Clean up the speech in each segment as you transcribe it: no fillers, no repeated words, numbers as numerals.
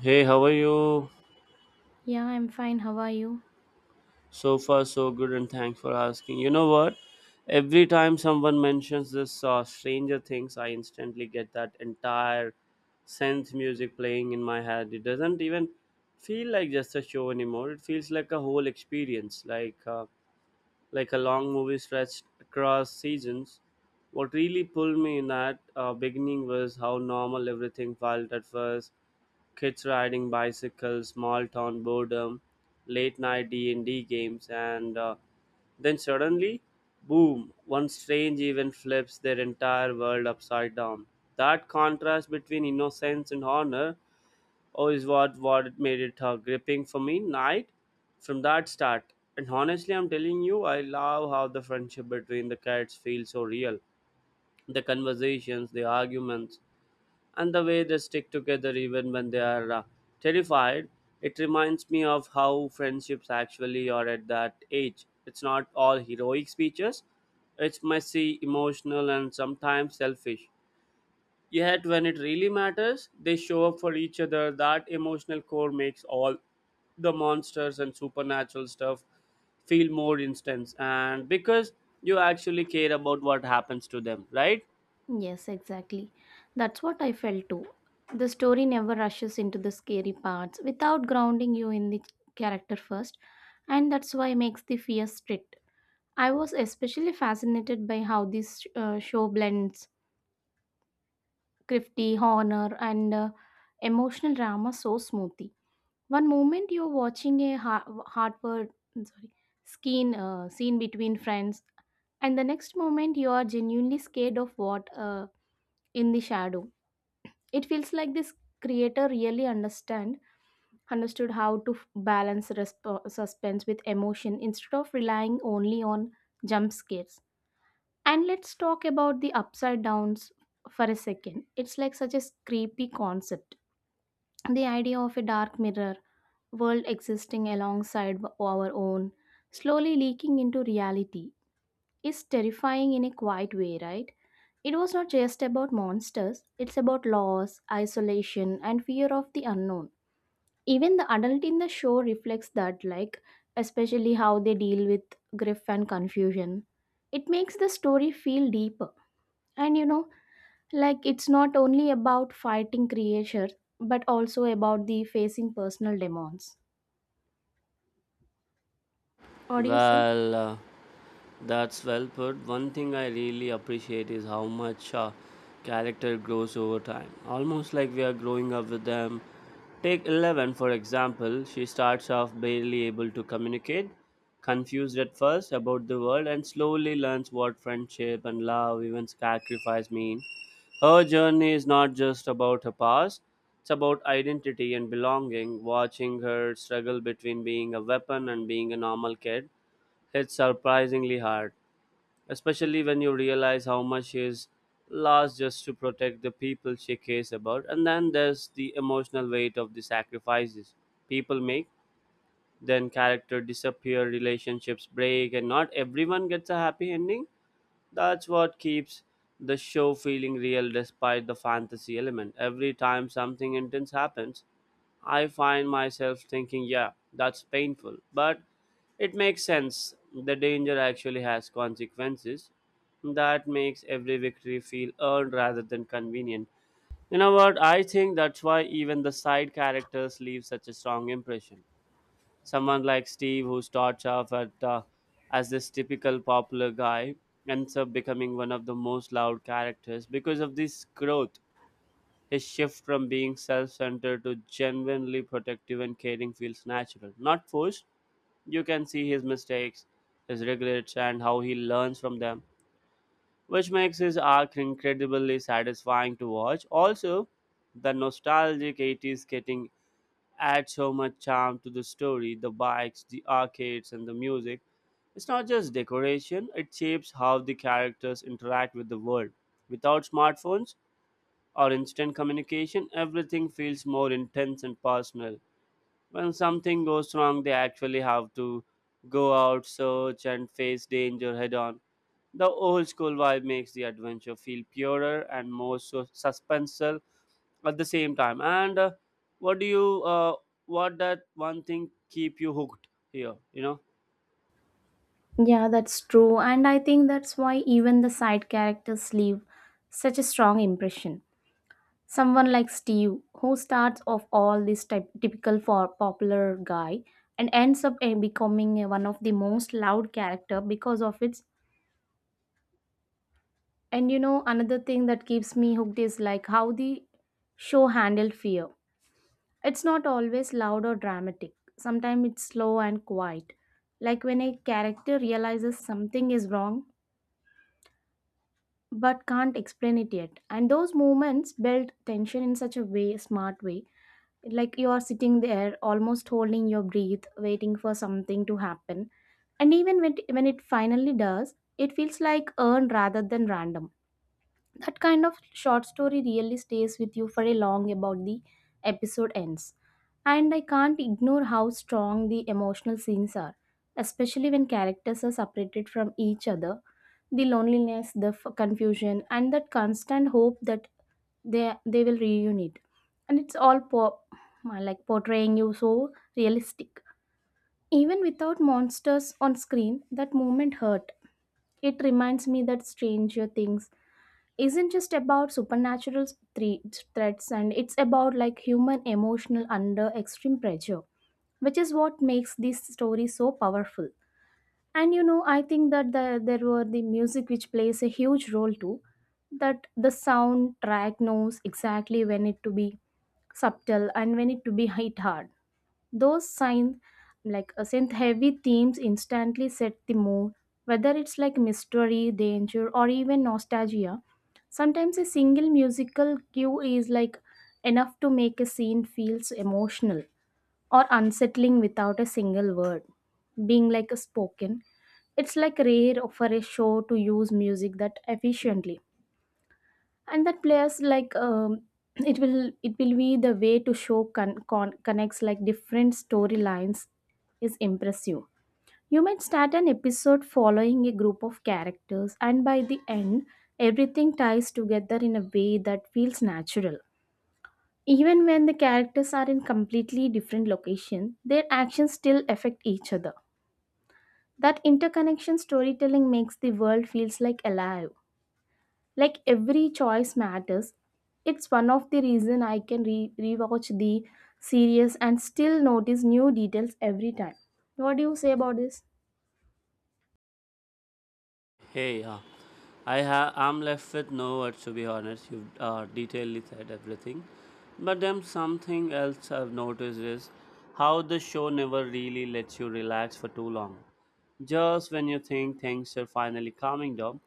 Hey, how are you? Yeah, I'm fine. How are you? So far, so good, and thanks for asking. You know what? Every time someone mentions this Stranger Things, I instantly get that entire synth music playing in my head. It doesn't even feel like just a show anymore. It feels like a whole experience, like a long movie stretched across seasons. What really pulled me in that beginning was how normal everything felt at first. Kids riding bicycles, small town boredom, late night D&D games, and then suddenly, boom, one strange event flips their entire world upside down. That contrast between innocence and honor, is what made it gripping for me night from that start. And honestly, I'm telling you, I love how the friendship between the cats feels so real. The conversations, the arguments, and the way they stick together even when they are terrified. It reminds me of how friendships actually are at that age. It's not all heroic speeches, it's messy, emotional, and sometimes selfish. Yet when it really matters, they show up for each other. That emotional core makes all the monsters and supernatural stuff feel more intense, and because you actually care about what happens to them, right? Yes, exactly. That's what I felt too. The story never rushes into the scary parts without grounding you in the character first, and that's why makes the fear strict. I was especially fascinated by how this show blends crafty honor and emotional drama so smoothly. One moment you're watching a hardware, sorry, skin scene between friends, and the next moment you are genuinely scared of what in the shadow. It feels like this creator really understand understood how to balance suspense with emotion instead of relying only on jump scares. And let's talk about the upside downs for a second. It's like such a creepy concept, the idea of a dark mirror world existing alongside our own slowly leaking into reality is terrifying in a quiet way, right? It was not just about monsters, it's about loss, isolation, and fear of the unknown. Even the adult in the show reflects that, like, especially how they deal with grief and confusion. It makes the story feel deeper. And you know, like, it's not only about fighting creatures, but also about the facing personal demons. What do you say? Well uh, That's well put. One thing I really appreciate is how much character grows over time, almost like we are growing up with them. Take 11, for example. She starts off barely able to communicate, confused at first about the world, and slowly learns what friendship and love, even sacrifice, mean. Her journey is not just about her past, it's about identity and belonging. Watching her struggle between being a weapon and being a normal kid, it's surprisingly hard, especially when you realize how much she's lost just to protect the people she cares about. And then there's the emotional weight of the sacrifices people make. Then character disappear, relationships break, and not everyone gets a happy ending. That's what keeps the show feeling real despite the fantasy element. Every time something intense happens, I find myself thinking, yeah, that's painful, but it makes sense. The danger actually has consequences. That makes every victory feel earned rather than convenient. You know what? I think that's why even the side characters leave such a strong impression. Someone like Steve, who starts off as this typical popular guy, ends up becoming one of the most loud characters because of this growth. His shift from being self centered to genuinely protective and caring feels natural, not forced. You can see his mistakes, his regrets, and how he learns from them, which makes his arc incredibly satisfying to watch. Also, the nostalgic 80s getting add so much charm to the story, the bikes, the arcades, and the music. It's not just decoration, it shapes how the characters interact with the world. Without smartphones or instant communication, everything feels more intense and personal. When something goes wrong, they actually have to go out, search, and face danger head on. The old school vibe makes the adventure feel purer and more suspenseful at the same time and what do you what that one thing keep you hooked here, you know? Yeah, that's true. And I think that's why even the side characters leave such a strong impression. Someone like Steve, who starts off all this typical for popular guy and ends up becoming one of the most loud character because of its. And you know, another thing that keeps me hooked is like how the show handled fear. It's not always loud or dramatic. Sometimes it's slow and quiet. Like when a character realizes something is wrong but can't explain it yet. And those moments build tension in such smart way, like you are sitting there almost holding your breath waiting for something to happen, and even when it finally does it feels like earned rather than random. That kind of short story really stays with you for a long about the episode ends. And I can't ignore how strong the emotional scenes are, especially when characters are separated from each other, the loneliness, the confusion, and that constant hope that they will reunite. And it's all like portraying you so realistic. Even without monsters on screen, that moment hurt. It reminds me that Stranger Things isn't just about supernatural thre- threats, and it's about like human emotional under extreme pressure, which is what makes this story so powerful. And you know, I think there were the music which plays a huge role too. That the soundtrack knows exactly when it to be subtle and when it to be hit hard. Those signs like a synth heavy themes instantly set the mood, whether it's like mystery, danger, or even nostalgia. Sometimes a single musical cue is like enough to make a scene feels emotional or unsettling without a single word being like a spoken. It's like rare for a show to use music that efficiently. And that players like it will be the way to show connects like different storylines is impressive. You might start an episode following a group of characters, and by the end everything ties together in a way that feels natural. Even when the characters are in completely different locations, their actions still affect each other. That interconnection storytelling makes the world feels like alive. Like every choice matters. It's one of the reason I can rewatch the series and still notice new details every time. What do you say about this? Hey, I'm left with no words, to be honest. You've detailedly said everything, but then something else I've noticed is how the show never really lets you relax for too long. Just when you think things are finally calming down,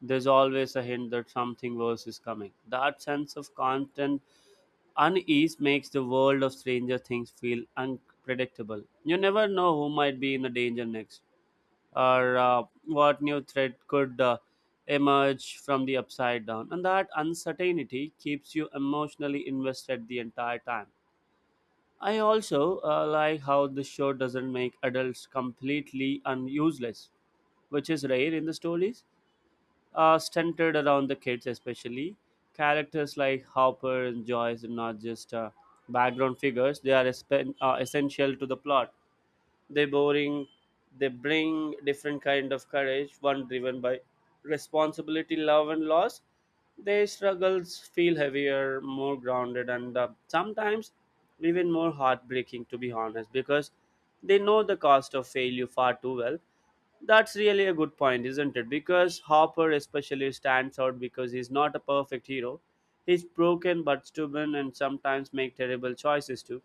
there's always a hint that something worse is coming. That sense of constant unease makes the world of Stranger Things feel unpredictable. You never know who might be in the danger next, or what new threat could emerge from the upside down. And that uncertainty keeps you emotionally invested the entire time. I also like how the show doesn't make adults completely useless, which is rare in the stories centered around the kids, especially. Characters like Hopper and Joyce are not just background figures, they are essential to the plot. They boring they bring different kind of courage, one driven by responsibility, love, and loss. Their struggles feel heavier, more grounded, and sometimes even more heartbreaking, to be honest, because they know the cost of failure far too well. That's really a good point, isn't it? Because Hopper especially stands out because he's not a perfect hero. He's broken but stubborn, and sometimes make terrible choices too.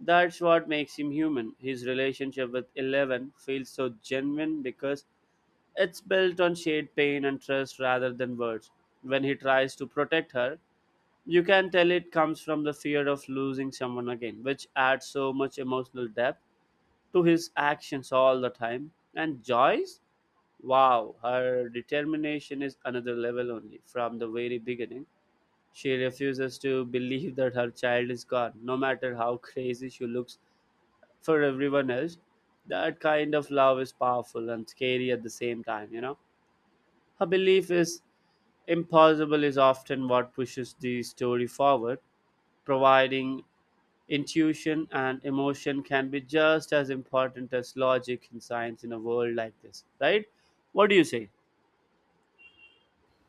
That's what makes him human. His relationship with Eleven feels so genuine because it's built on shared pain and trust rather than words. When he tries to protect her, you can tell it comes from the fear of losing someone again, which adds so much emotional depth to his actions all the time. And Joyce? Wow, her determination is another level only. From the very beginning, she refuses to believe that her child is gone, no matter how crazy she looks for everyone else. That kind of love is powerful and scary at the same time, you know. Her belief is impossible is often what pushes the story forward, providing intuition and emotion can be just as important as logic and science in a world like this, right? What do you say?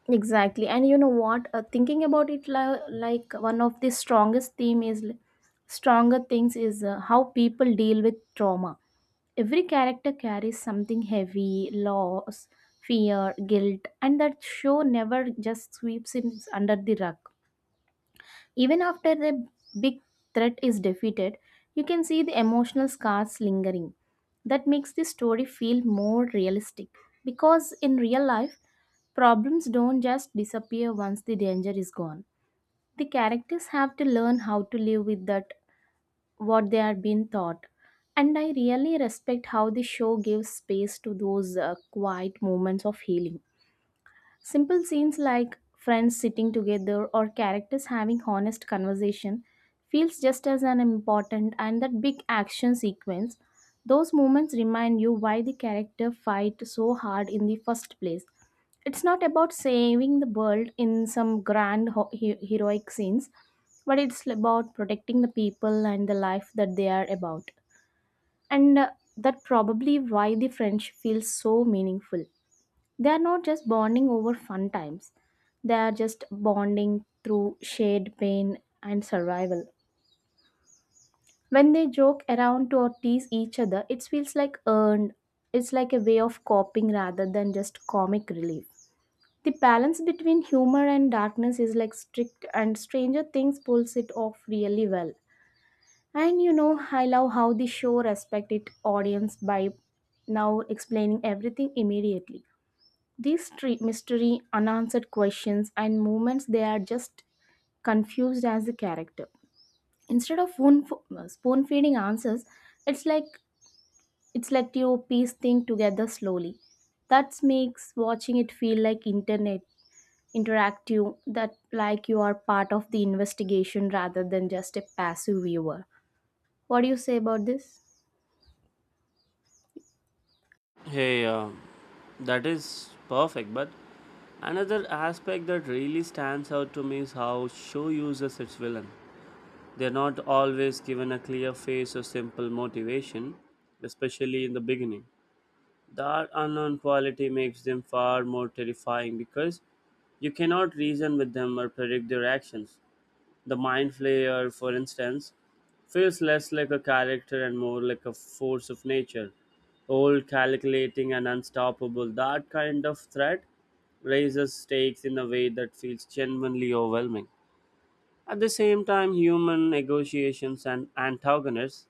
Exactly. And you know what? Thinking about it like one of the strongest theme is stronger things is how people deal with trauma. Every character carries something heavy, loss, fear, guilt, and that show never just sweeps it under the rug. Even after the big threat is defeated, you can see the emotional scars lingering. That makes the story feel more realistic because in real life, problems don't just disappear once the danger is gone. The characters have to learn how to live with that what they are being taught. And I really respect how the show gives space to those quiet moments of healing. Simple scenes like friends sitting together or characters having honest conversation feels just as an important and that big action sequence. Those moments remind you why the character fight so hard in the first place. It's not about saving the world in some grand heroic scenes, but it's about protecting the people and the life that they are about. And that probably why the friendship feels so meaningful. They are not just bonding over fun times, they are just bonding through shared pain and survival. When they joke around or tease each other, it feels like earned. It's like a way of coping rather than just comic relief. The balance between humor and darkness is like strict, and Stranger Things pulls it off really well. And you know, I love how the show respects its audience by now explaining everything immediately. These mystery, unanswered questions and moments they are just confused as the character. Instead of spoon feeding answers, it's like it's let you piece things together slowly. That makes watching it feel like internet interactive, that like you are part of the investigation rather than just a passive viewer. What do you say about this? Hey, um, that is perfect. But another aspect that really stands out to me is how show uses its villain. They are not always given a clear face or simple motivation, especially in the beginning. That unknown quality makes them far more terrifying because you cannot reason with them or predict their actions. The mind flayer, for instance, feels less like a character and more like a force of nature. Old, calculating, and unstoppable, that kind of threat raises stakes in a way that feels genuinely overwhelming. At the same time, human negotiations and antagonists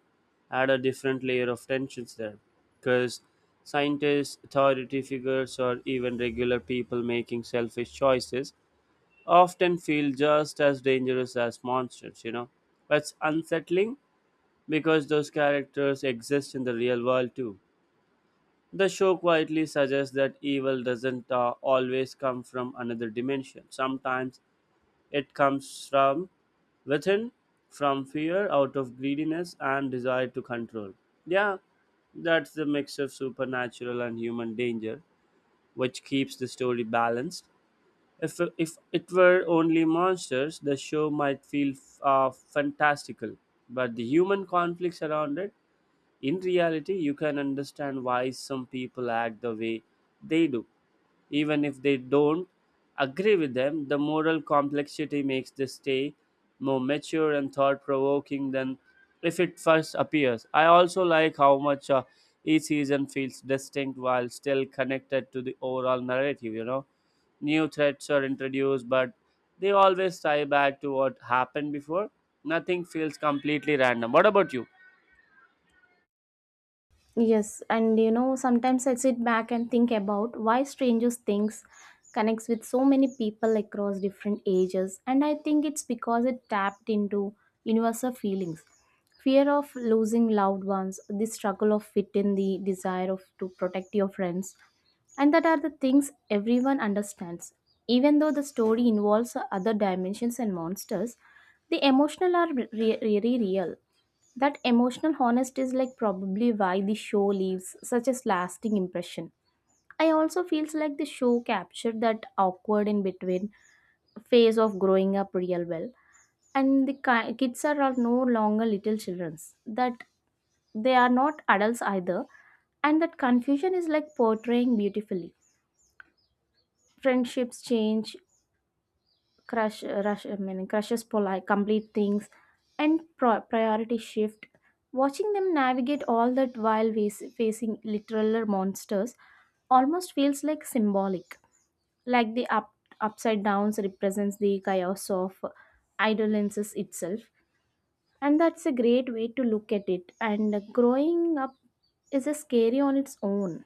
add a different layer of tensions there, because scientists, authority figures, or even regular people making selfish choices often feel just as dangerous as monsters, you know. But it's unsettling because those characters exist in the real world too. The show quietly suggests that evil doesn't always come from another dimension. Sometimes it comes from within, from fear, out of greediness and desire to control. Yeah, that's the mix of supernatural and human danger, which keeps the story balanced. If it were only monsters, the show might feel fantastical, but the human conflicts around it in reality, you can understand why some people act the way they do. Even if they don't agree with them, the moral complexity makes this stay more mature and thought provoking than if it first appears. I also like how much each season feels distinct while still connected to the overall narrative, you know. New threats are introduced, but they always tie back to what happened before. Nothing feels completely random. What about you? Yes, and you know, sometimes I sit back and think about why Strangers Things connects with so many people across different ages, and I think it's because it tapped into universal feelings. Fear of losing loved ones, the struggle of fit in, the desire of to protect your friends, and that are the things everyone understands. Even though the story involves other dimensions and monsters, the emotional are really real. That emotional honesty is like probably why the show leaves such a lasting impression. I also feels like the show captured that awkward in between phase of growing up real well, and the kids are no longer little childrens. That they are not adults either, and that confusion is like portraying beautifully. Friendships change, crushes polite complete things, and priority shift. Watching them navigate all that while facing literal monsters almost feels like symbolic, like the upside downs represents the chaos of idolences itself. And that's a great way to look at it. And growing up is a scary on its own,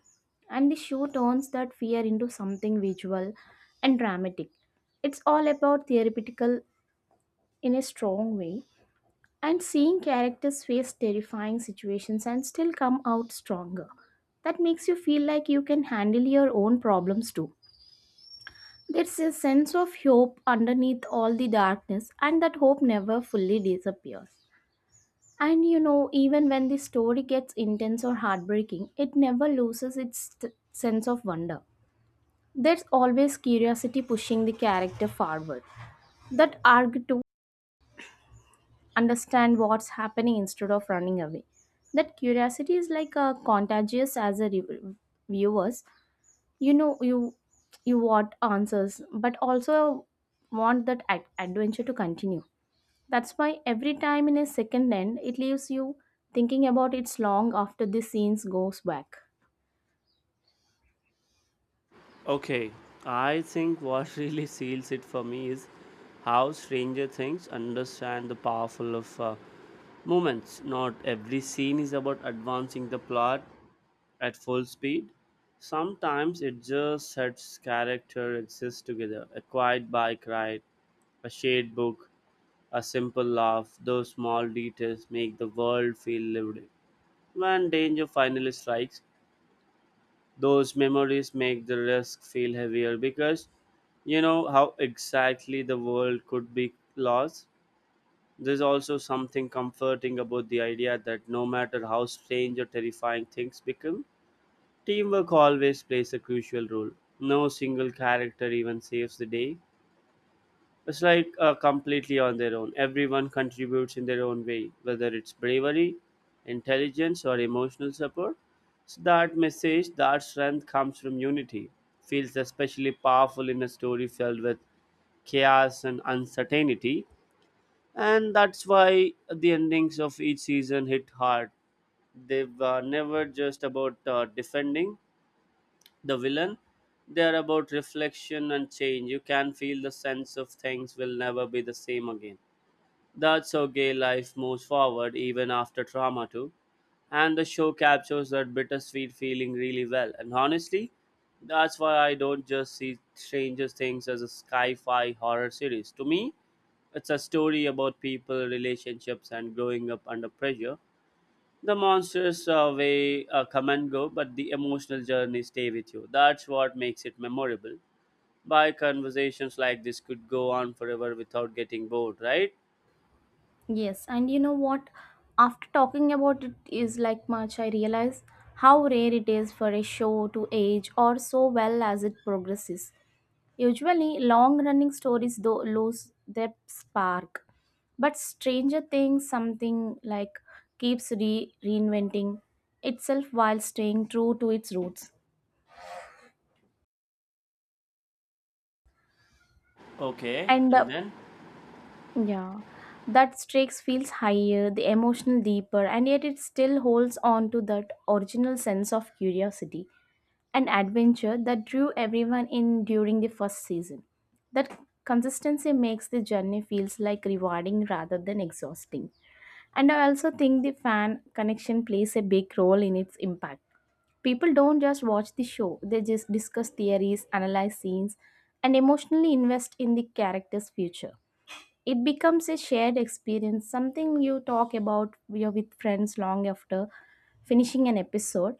and the show turns that fear into something visual and dramatic. It's all about therapeutical in a strong way, and seeing characters face terrifying situations and still come out stronger. That makes you feel like you can handle your own problems too. There's a sense of hope underneath all the darkness, and that hope never fully disappears. And you know, even when the story gets intense or heartbreaking, it never loses its sense of wonder. There's always curiosity pushing the character forward. That arc understand what's happening instead of running away. That curiosity is like a contagious as a viewers. You know, you want answers, but also want that adventure to continue. That's why every time in a second end, it leaves you thinking about it's long after the scenes goes back. Okay, I think what really seals it for me is how Stranger Things understand the powerful of moments. Not every scene is about advancing the plot at full speed. Sometimes it just sets character exist together. A quiet bike ride, a shared book, a simple laugh. Those small details make the world feel lived in. When danger finally strikes, those memories make the risk feel heavier because you know how exactly the world could be lost. There's also something comforting about the idea that no matter how strange or terrifying things become, teamwork always plays a crucial role. No single character even saves the day. It's completely on their own. Everyone contributes in their own way, whether it's bravery, intelligence, or emotional support. So that message, that strength comes from unity. Feels especially powerful in a story filled with chaos and uncertainty. And that's why the endings of each season hit hard. They were never just about defending the villain, they are about reflection and change. You can feel the sense of things will never be the same again. That's how gay life moves forward even after trauma too. And the show captures that bittersweet feeling really well. And honestly, that's why I don't just see Stranger Things as a sci-fi horror series. To me, it's a story about people, relationships, and growing up under pressure. The monsters way come and go, but the emotional journey stay with you. That's what makes it memorable. By conversations like this could go on forever without getting bored, right? Yes, and you know what? After talking about it is like much, I realize how rare it is for a show to age or so well as it progresses. Usually, long running stories though lose their spark, but Stranger Things something like keeps reinventing itself while staying true to its roots. Okay. And And then yeah, that stakes feels higher, the emotional deeper, and yet it still holds on to that original sense of curiosity and adventure that drew everyone in during the first season. That consistency makes the journey feels like rewarding rather than exhausting. And I also think the fan connection plays a big role in its impact. People don't just watch the show, they just discuss theories, analyze scenes, and emotionally invest in the character's future. It becomes a shared experience, something you talk about you with friends long after finishing an episode.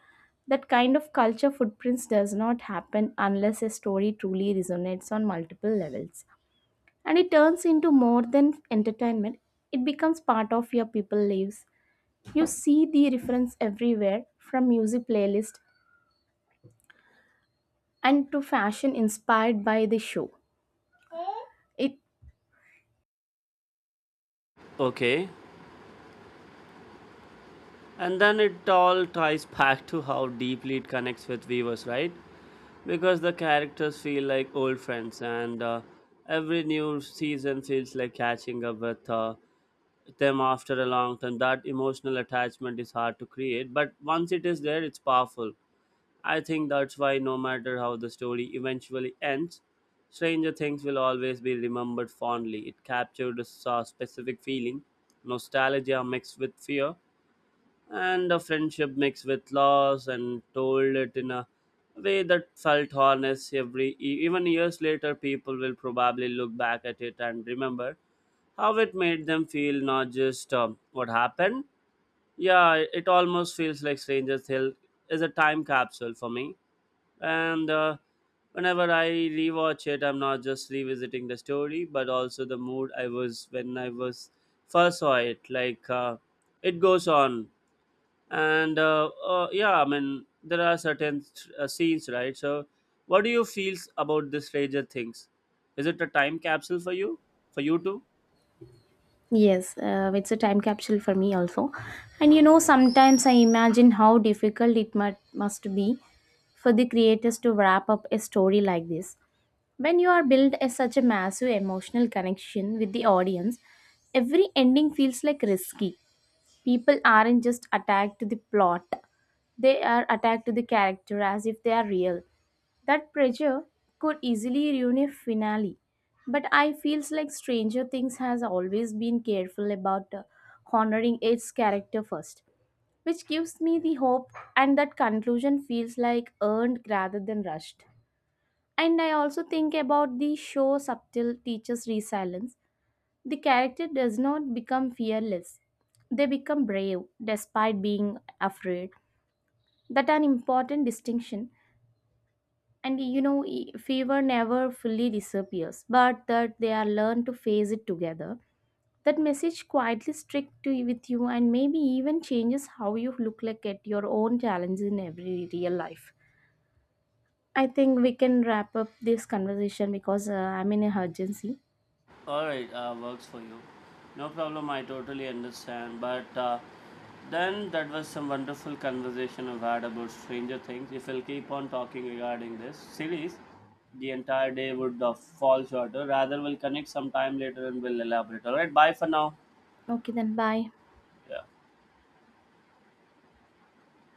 That kind of culture footprints does not happen unless a story truly resonates on multiple levels. And it turns into more than entertainment, it becomes part of your people lives. You see the reference everywhere, from music playlist and to fashion inspired by the show. It okay, and then it all ties back to how deeply it connects with viewers, right? Because the characters feel like old friends, and every new season feels like catching up with them after a long time. That emotional attachment is hard to create, but once it is there, it's powerful. I think that's why, no matter how the story eventually ends, Stranger Things will always be remembered fondly. It captured a specific feeling, nostalgia mixed with fear and a friendship mixed with loss, and told it in a way that felt honest. Every even years later, people will probably look back at it and remember how it made them feel, not just what happened. Yeah, it almost feels like strangers hill is a time capsule for me, and whenever I rewatch it, I'm not just revisiting the story but also the mood I was when I was first saw it. It goes on. And yeah, I mean, there are certain scenes, right? So what do you feel about this Stranger Things? Is it a time capsule for you, for you too? yes, it's a time capsule for me also. And you know, sometimes I imagine how difficult it must be for the creators to wrap up a story like this. When you are built as such a massive emotional connection with the audience, every ending feels like risky. People aren't just attacked to the plot, they are attacked to the character as if they are real. That pressure could easily ruin a finale. But I feels like Stranger Things has always been careful about honoring its character first, which gives me the hope and that conclusion feels like earned rather than rushed. And I also think about the show subtle teaches resilience. The character does not become fearless. They become brave despite being afraid. That an important distinction. And you know, fever never fully disappears, but that they are learned to face it together. That message quietly sticks to you with you and maybe even changes how you look like at your own challenges in every real life. I think we can wrap up this conversation because I'm in a urgency. All right, works for you. No problem, I totally understand. But then that was some wonderful conversation I've had about Stranger Things. If we'll keep on talking regarding this series, the entire day would fall shorter. Rather, we'll connect sometime later and we'll elaborate. All right, bye for now. Okay, then bye. Yeah.